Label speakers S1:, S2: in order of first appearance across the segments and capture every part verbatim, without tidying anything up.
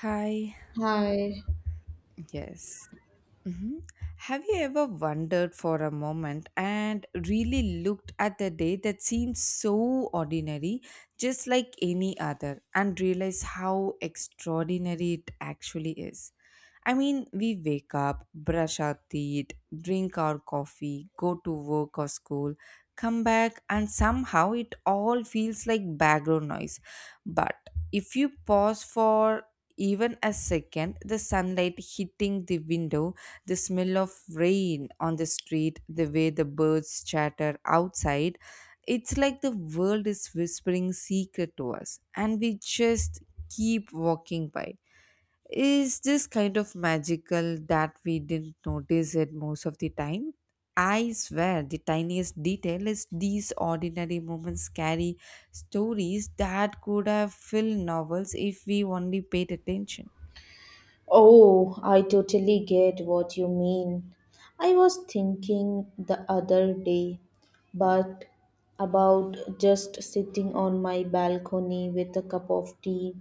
S1: Hi.
S2: Hi.
S1: Yes. hmm Have you ever wondered for a moment and really looked at a day that seems so ordinary, just like any other, and realized how extraordinary it actually is? I mean, we wake up, brush our teeth, drink our coffee, go to work or school, come back, and somehow it all feels like background noise. But if you pause for even a second, the sunlight hitting the window, the smell of rain on the street, the way the birds chatter outside, it's like the world is whispering secret to us, and we just keep walking by is just kind of magical that we didn't notice it most of the time. I swear, the tiniest detail is these ordinary moments carry stories that could have filled novels if we only paid attention.
S2: Oh, I totally get what you mean. I was thinking the other day, but about just sitting on my balcony with a cup of tea,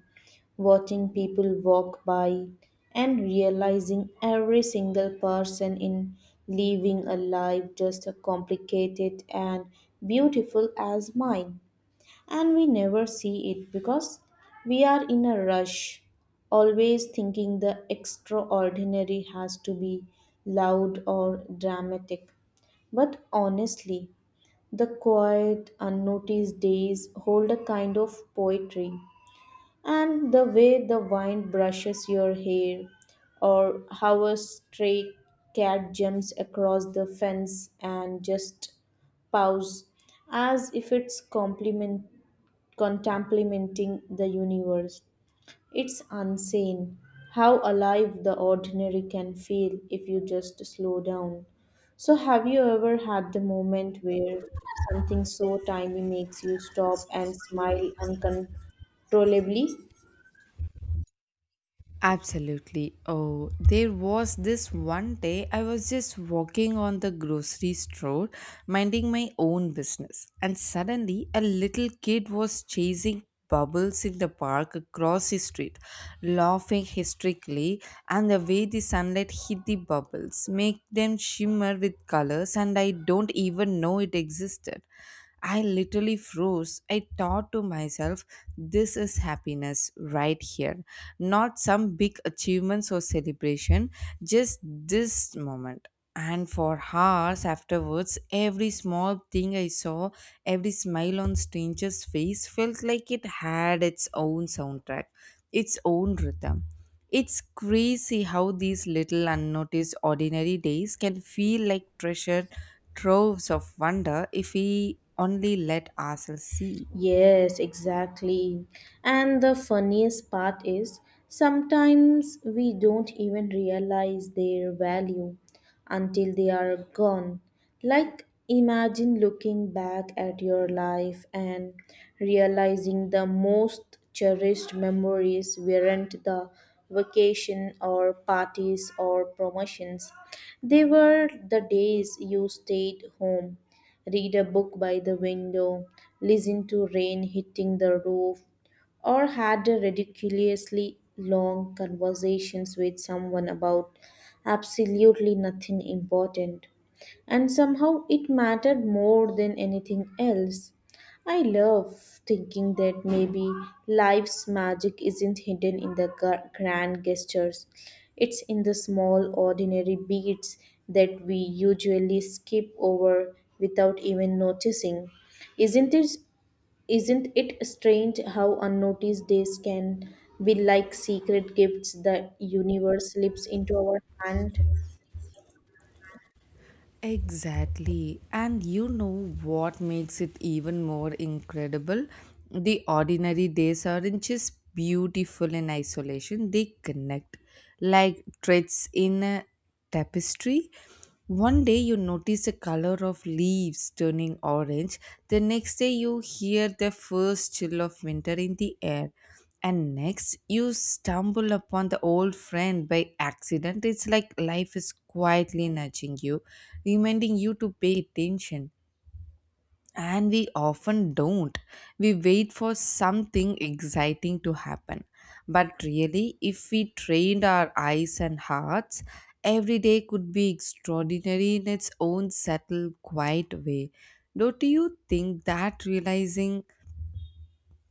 S2: watching people walk by, and realizing every single person in living a life just as complicated and beautiful as mine. And we never see it because we are in a rush, always thinking the extraordinary has to be loud or dramatic. But honestly, the quiet, unnoticed days hold a kind of poetry. And the way the wind brushes your hair, or how a stray cat jumps across the fence and just paws as if it's compliment contemplating the universe. It's insane how alive the ordinary can feel if you just slow down. So, have you ever had the moment where something so tiny makes you stop and smile uncontrollably?
S1: Absolutely. Oh, there was this one day I was just walking on the grocery store, minding my own business, and suddenly a little kid was chasing bubbles in the park across the street, laughing hysterically, and the way the sunlight hit the bubbles, make them shimmer with colors, and I don't even know it existed. I literally froze. I thought to myself, this is happiness right here. Not some big achievements or celebration, just this moment. And for hours afterwards, every small thing I saw, every smile on stranger's face felt like it had its own soundtrack, its own rhythm. It's crazy how these little unnoticed ordinary days can feel like treasure troves of wonder if we only let ourselves see.
S2: Yes, exactly. And the funniest part is sometimes we don't even realize their value until they are gone. Like, imagine looking back at your life and realizing the most cherished memories weren't the vacation or parties or promotions, they were the days you stayed home read a book by the window, listen to rain hitting the roof, or had a ridiculously long conversations with someone about absolutely nothing important. And somehow it mattered more than anything else. I love thinking that maybe life's magic isn't hidden in the gra- grand gestures. It's in the small, ordinary beats that we usually skip over without even noticing. Isn't it, isn't it strange how unnoticed days can be like secret gifts the universe slips into our hand?
S1: Exactly. And you know what makes it even more incredible? The ordinary days aren't just beautiful in isolation, they connect like threads in a tapestry. One day you notice the color of leaves turning orange, the next day you hear the first chill of winter in the air, and next you stumble upon the old friend by accident. It's like life is quietly nudging you, reminding you to pay attention, and we often don't. We wait for something exciting to happen, but really, if we trained our eyes and hearts, every day could be extraordinary in its own subtle quiet way. Don't you think that realizing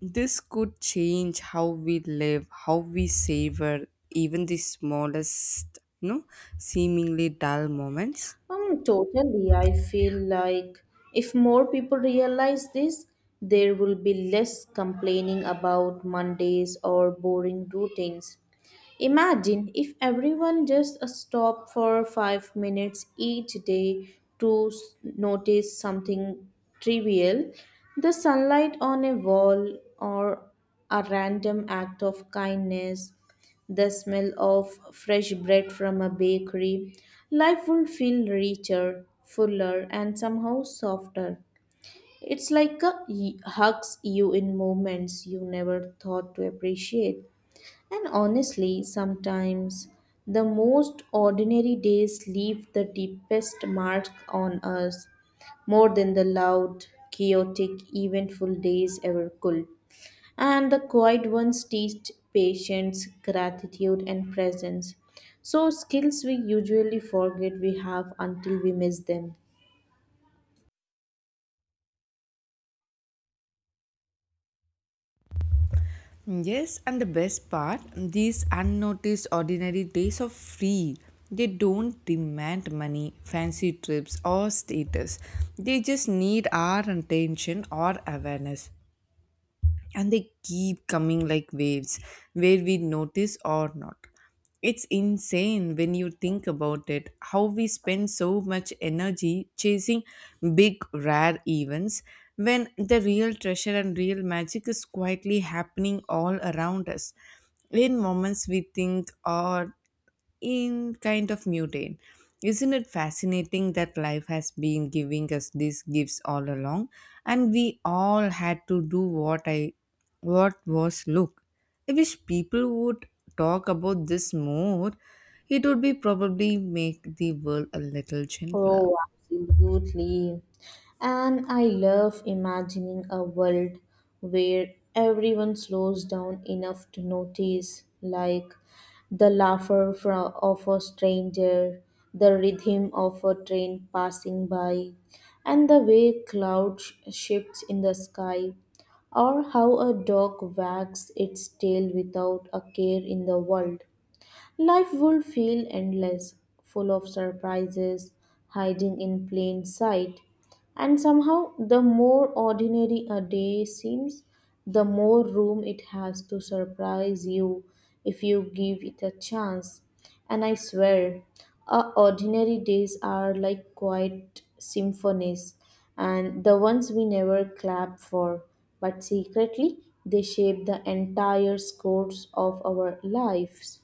S1: this could change how we live, how we savor even the smallest, no, seemingly dull moments?
S2: Um, totally. I feel like if more people realize this, there will be less complaining about Mondays or boring routines. Imagine if everyone just stopped for five minutes each day to s- notice something trivial the sunlight on a wall, or a random act of kindness, the smell of fresh bread from a bakery. Life would feel richer, fuller, and somehow softer. It's like a y- hugs you in moments you never thought to appreciate. And honestly, sometimes the most ordinary days leave the deepest mark on us more than the loud, chaotic, eventful days ever could. And the quiet ones teach patience, gratitude, and presence. So, skills we usually forget we have until we miss them.
S1: Yes, and the best part, these unnoticed ordinary days are free. They don't demand money, fancy trips, or status. They just need our attention or awareness. And they keep coming like waves where we notice or not. It's insane when you think about it how we spend so much energy chasing big rare events when the real treasure and real magic is quietly happening all around us, in moments we think are in kind of mutate. Isn't it fascinating that life has been giving us these gifts all along and we all had to do what I what was look. I wish people would talk about this more. It would be probably make the world a little gentler.
S2: Oh, absolutely. And I love imagining a world where everyone slows down enough to notice, like the laughter fro- of a stranger, the rhythm of a train passing by, and the way clouds shifts in the sky, or how a dog wags its tail without a care in the world. Life would feel endless, full of surprises, hiding in plain sight. And somehow, the more ordinary a day seems, the more room it has to surprise you if you give it a chance. And I swear, our ordinary days are like quiet symphonies, and the ones we never clap for, but secretly they shape the entire scores of our lives.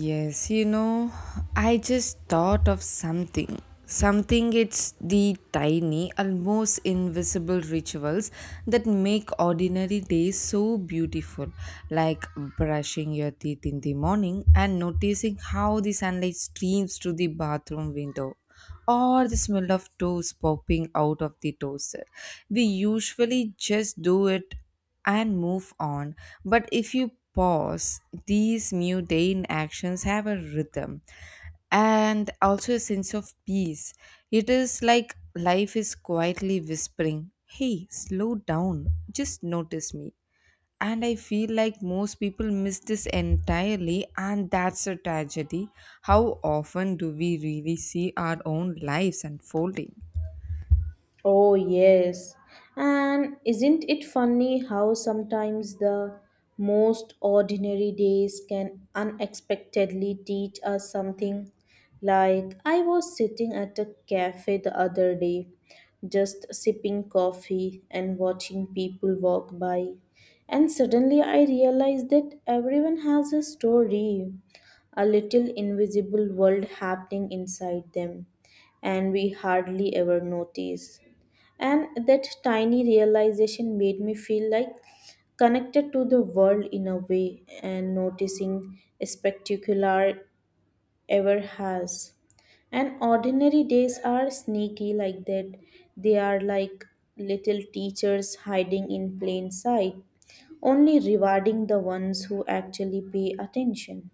S1: Yes, you know, I just thought of something. Something it's the tiny, almost invisible rituals that make ordinary days so beautiful, like brushing your teeth in the morning and noticing how the sunlight streams through the bathroom window or the smell of toast popping out of the toaster. We usually just do it and move on. But if you pause, these mundane actions have a rhythm and also a sense of peace. It is like life is quietly whispering, "Hey, slow down, just notice me." And I feel like most people miss this entirely, and that's a tragedy. How often do we really see our own lives unfolding?
S2: Oh, yes. And isn't it funny how sometimes the most ordinary days can unexpectedly teach us something? Like, I was sitting at a cafe the other day, just sipping coffee and watching people walk by. And suddenly I realized that everyone has a story, a little invisible world happening inside them, and we hardly ever notice. And that tiny realization made me feel like connected to the world in a way and noticing spectacular ever has. And ordinary days are sneaky like that. They are like little teachers hiding in plain sight, only rewarding the ones who actually pay attention.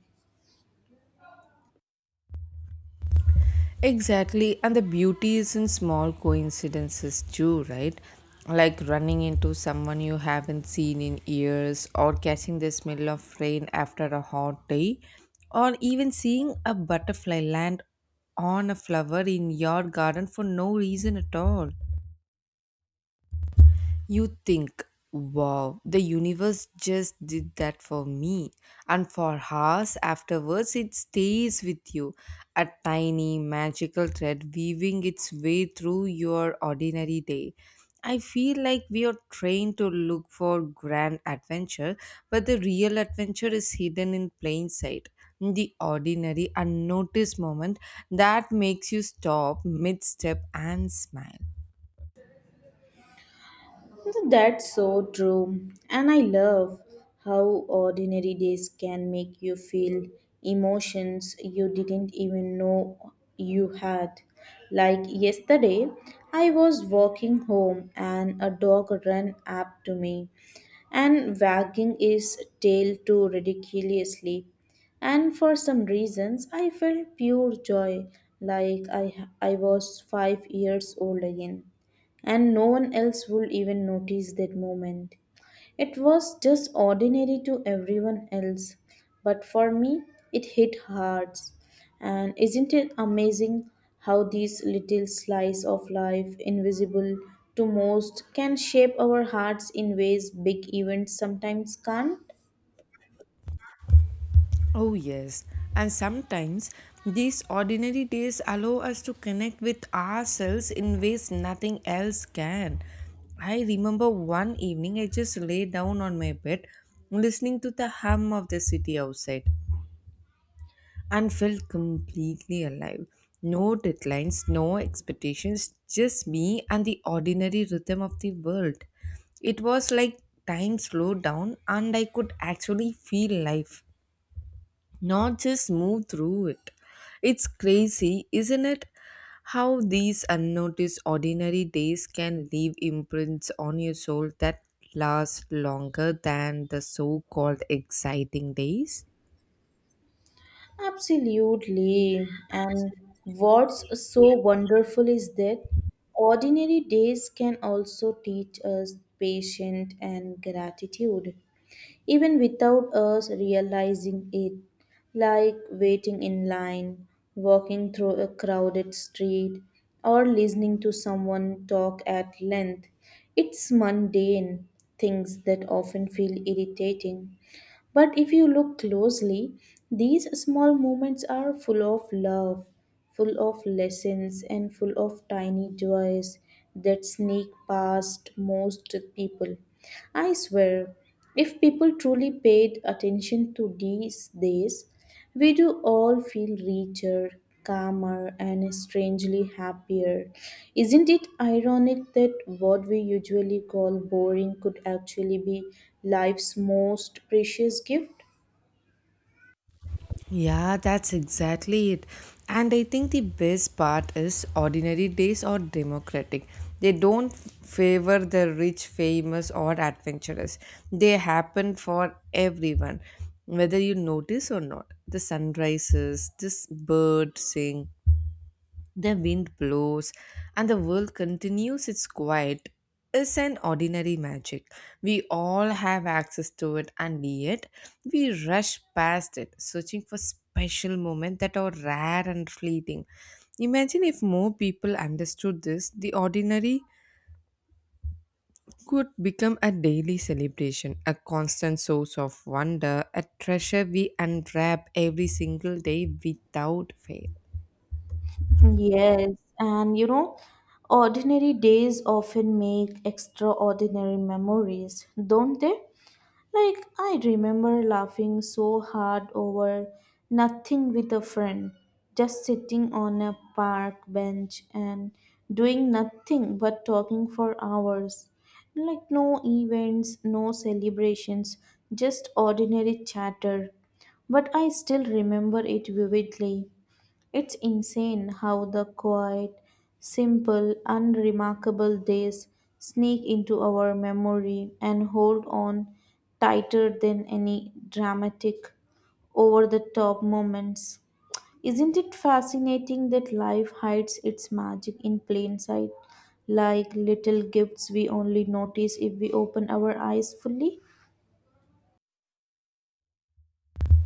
S1: Exactly, and the beauty is in small coincidences too, right? Like running into someone you haven't seen in years, or catching the smell of rain after a hot day, or even seeing a butterfly land on a flower in your garden for no reason at all. You think, wow, the universe just did that for me. And for hours afterwards, it stays with you, a tiny magical thread weaving its way through your ordinary day. I feel like we are trained to look for grand adventure, but the real adventure is hidden in plain sight. The ordinary, unnoticed moment that makes you stop mid step and smile.
S2: That's so true. And I love how ordinary days can make you feel emotions you didn't even know you had. Like yesterday, I was walking home and a dog ran up to me and wagging its tail too ridiculously. And for some reasons, I felt pure joy like I, I was five years old again and no one else would even notice that moment. It was just ordinary to everyone else, but for me, it hit hard. And isn't it amazing how these little slices of life, invisible to most, can shape our hearts in ways big events sometimes can't?
S1: Oh, yes. And sometimes these ordinary days allow us to connect with ourselves in ways nothing else can. I remember one evening I just lay down on my bed listening to the hum of the city outside and felt completely alive. No deadlines, no expectations, just me and the ordinary rhythm of the world. It was like time slowed down and I could actually feel life, not just move through it. It's crazy, isn't it? How these unnoticed ordinary days can leave imprints on your soul that last longer than the so called exciting days?
S2: Absolutely. And what's so wonderful is that ordinary days can also teach us patience and gratitude even without us realizing it, like waiting in line, walking through a crowded street, or listening to someone talk at length. It's mundane things that often feel irritating. But if you look closely, these small moments are full of love, full of lessons, and full of tiny joys that sneak past most people. I swear, if people truly paid attention to these days, we do all feel richer, calmer, and strangely happier. Isn't it ironic that what we usually call boring could actually be life's most precious gift?
S1: Yeah, that's exactly it. And I think the best part is ordinary days are democratic. They don't favor the rich, famous, or adventurous. They happen for everyone, whether you notice or not. The sunrises, this bird sing, the wind blows and the world continues its quiet. It's an ordinary magic. We all have access to it and yet we rush past it, searching for special moments that are rare and fleeting. Imagine if more people understood this, the ordinary could become a daily celebration, a constant source of wonder, a treasure we unwrap every single day without fail.
S2: Yes, and you know, ordinary days often make extraordinary memories, don't they? Like, I remember laughing so hard over nothing with a friend, just sitting on a park bench and doing nothing but talking for hours. Like, no events, no celebrations, just ordinary chatter. But I still remember it vividly. It's insane how the quiet, simple, unremarkable days sneak into our memory and hold on tighter than any dramatic, over the top moments. Isn't it fascinating that life hides its magic in plain sight, like little gifts we only notice if we open our eyes fully?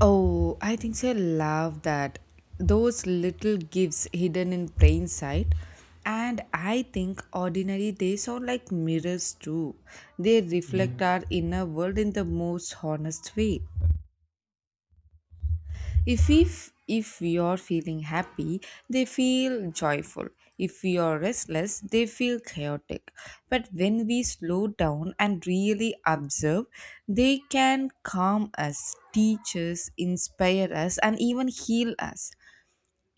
S1: Oh, I think so. I love that. Those little gifts hidden in plain sight. And I think ordinary days are like mirrors too. They reflect our inner world in the most honest way. If if if we are feeling happy, they feel joyful. If we are restless, they feel chaotic. But when we slow down and really observe, they can calm us, teach us, inspire us, and even heal us.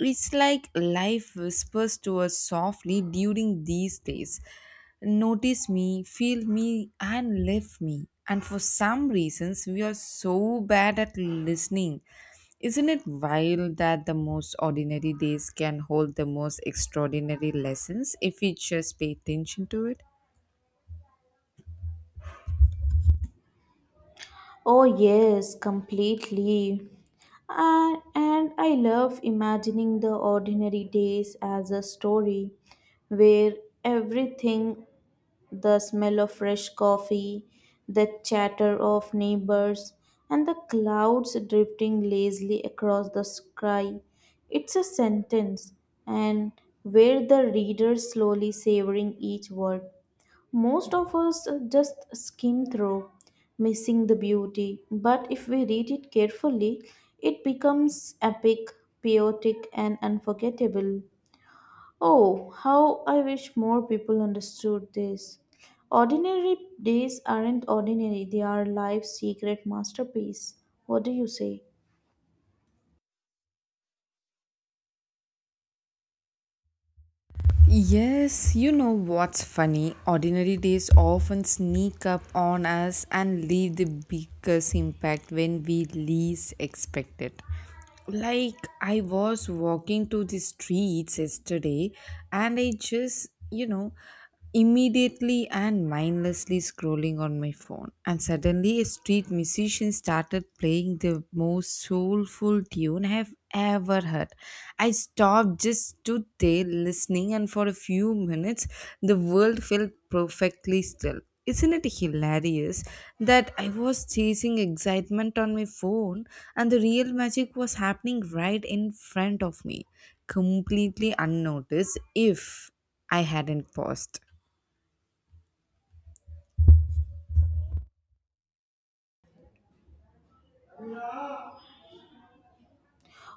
S1: It's like life whispers to us softly during these days. Notice me, feel me, and live me. And for some reasons, we are so bad at listening. Isn't it wild that the most ordinary days can hold the most extraordinary lessons if we just pay attention to it?
S2: Oh, yes, completely. And, and I love imagining the ordinary days as a story where everything the smell of fresh coffee, the chatter of neighbors, and the clouds drifting lazily across the sky. It's a sentence, and where the reader slowly savoring each word. Most of us uh, just skim through, missing the beauty, but if we read it carefully, it becomes epic, poetic, and unforgettable. Oh, how I wish more people understood this. Ordinary days aren't ordinary, they are life's secret masterpiece. What do you say?
S1: Yes, you know what's funny? Ordinary days often sneak up on us and leave the biggest impact when we least expect it. Like, I was walking to the streets yesterday and I just, you know, immediately and mindlessly scrolling on my phone. And suddenly, a street musician started playing the most soulful tune I have ever heard. I stopped, just stood there listening, and for a few minutes, the world felt perfectly still. Isn't it hilarious that I was chasing excitement on my phone and the real magic was happening right in front of me, completely unnoticed if I hadn't paused?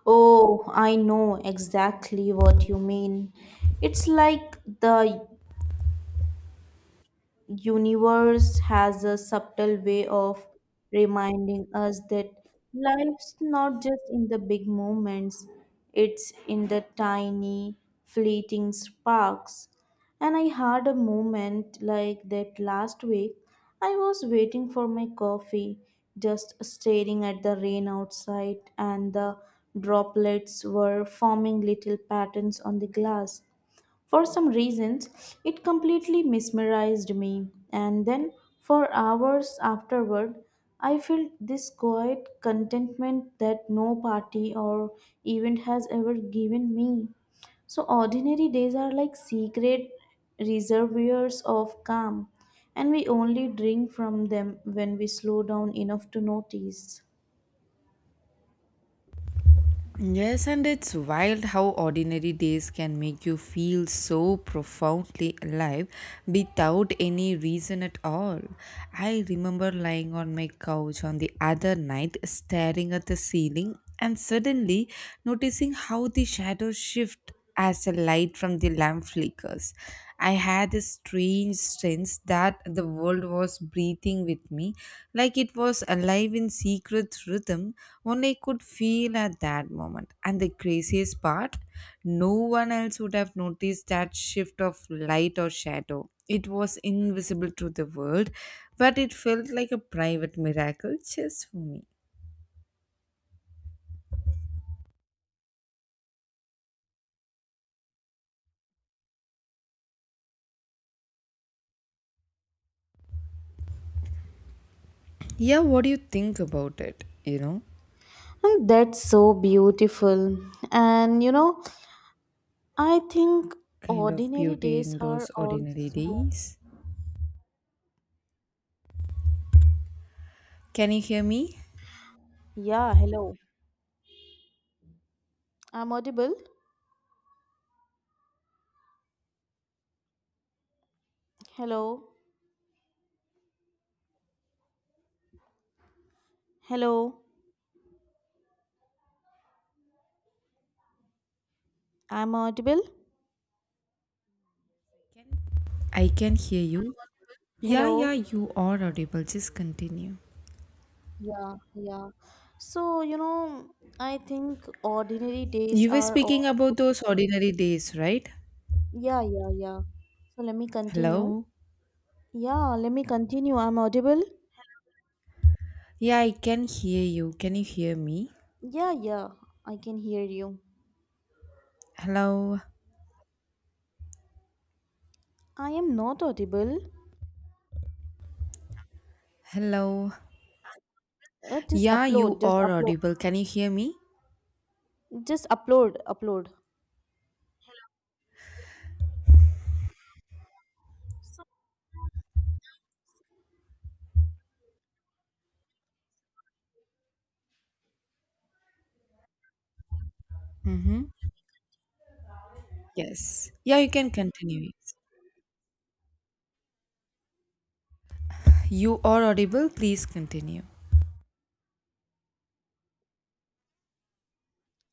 S2: Oh, I know exactly what you mean. It's like the universe has a subtle way of reminding us that life's not just in the big moments it's in the tiny fleeting sparks and I had a moment like that last week I was waiting for my coffee just staring at the rain outside and the droplets were forming little patterns on the glass for some reasons, it completely mesmerized me, and then for hours afterward, I felt this quiet contentment that no party or event has ever given me. So, ordinary days are like secret reservoirs of calm, and we only drink from them when we slow down enough to notice.
S1: Yes, and it's wild how ordinary days can make you feel so profoundly alive without any reason at all. I remember lying on my couch on the other night, staring at the ceiling, and suddenly noticing how the shadows shift as the light from the lamp flickers. I had this strange sense that the world was breathing with me, like it was alive in secret rhythm, only I could feel at that moment. And the craziest part, no one else would have noticed that shift of light or shadow. It was invisible to the world, but it felt like a private miracle just for me. Yeah, what do you think about it? You know?
S2: And that's so beautiful. And you know, I think
S1: Kind of
S2: ordinary
S1: beauty
S2: days
S1: in
S2: are
S1: those ordinary
S2: also.
S1: days. Can you hear me?
S2: Yeah, hello. I'm audible. Hello. Hello. I'm audible.
S1: I can hear you. Yeah, yeah,
S2: Hello.
S1: you are audible. Just continue.
S2: Yeah, yeah. So, you know, I think ordinary days
S1: You were
S2: are
S1: speaking
S2: all.
S1: about those ordinary days, right?
S2: Yeah, yeah, yeah. So let me continue.
S1: Hello?
S2: Yeah, let me continue. I'm audible.
S1: Yeah, I can hear you. Can you hear me?
S2: Yeah, yeah. I can hear you.
S1: Hello?
S2: I am not audible.
S1: Hello?
S2: Uh, just
S1: Yeah, you
S2: upload, just
S1: are
S2: upload,
S1: audible. Can you hear me?
S2: just upload, Upload.
S1: Mm-hmm. Yes. Yeah, you can continue. Yes. You are audible. Please continue.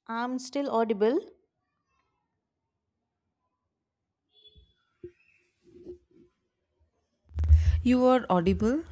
S2: I'm still audible.
S1: You are audible.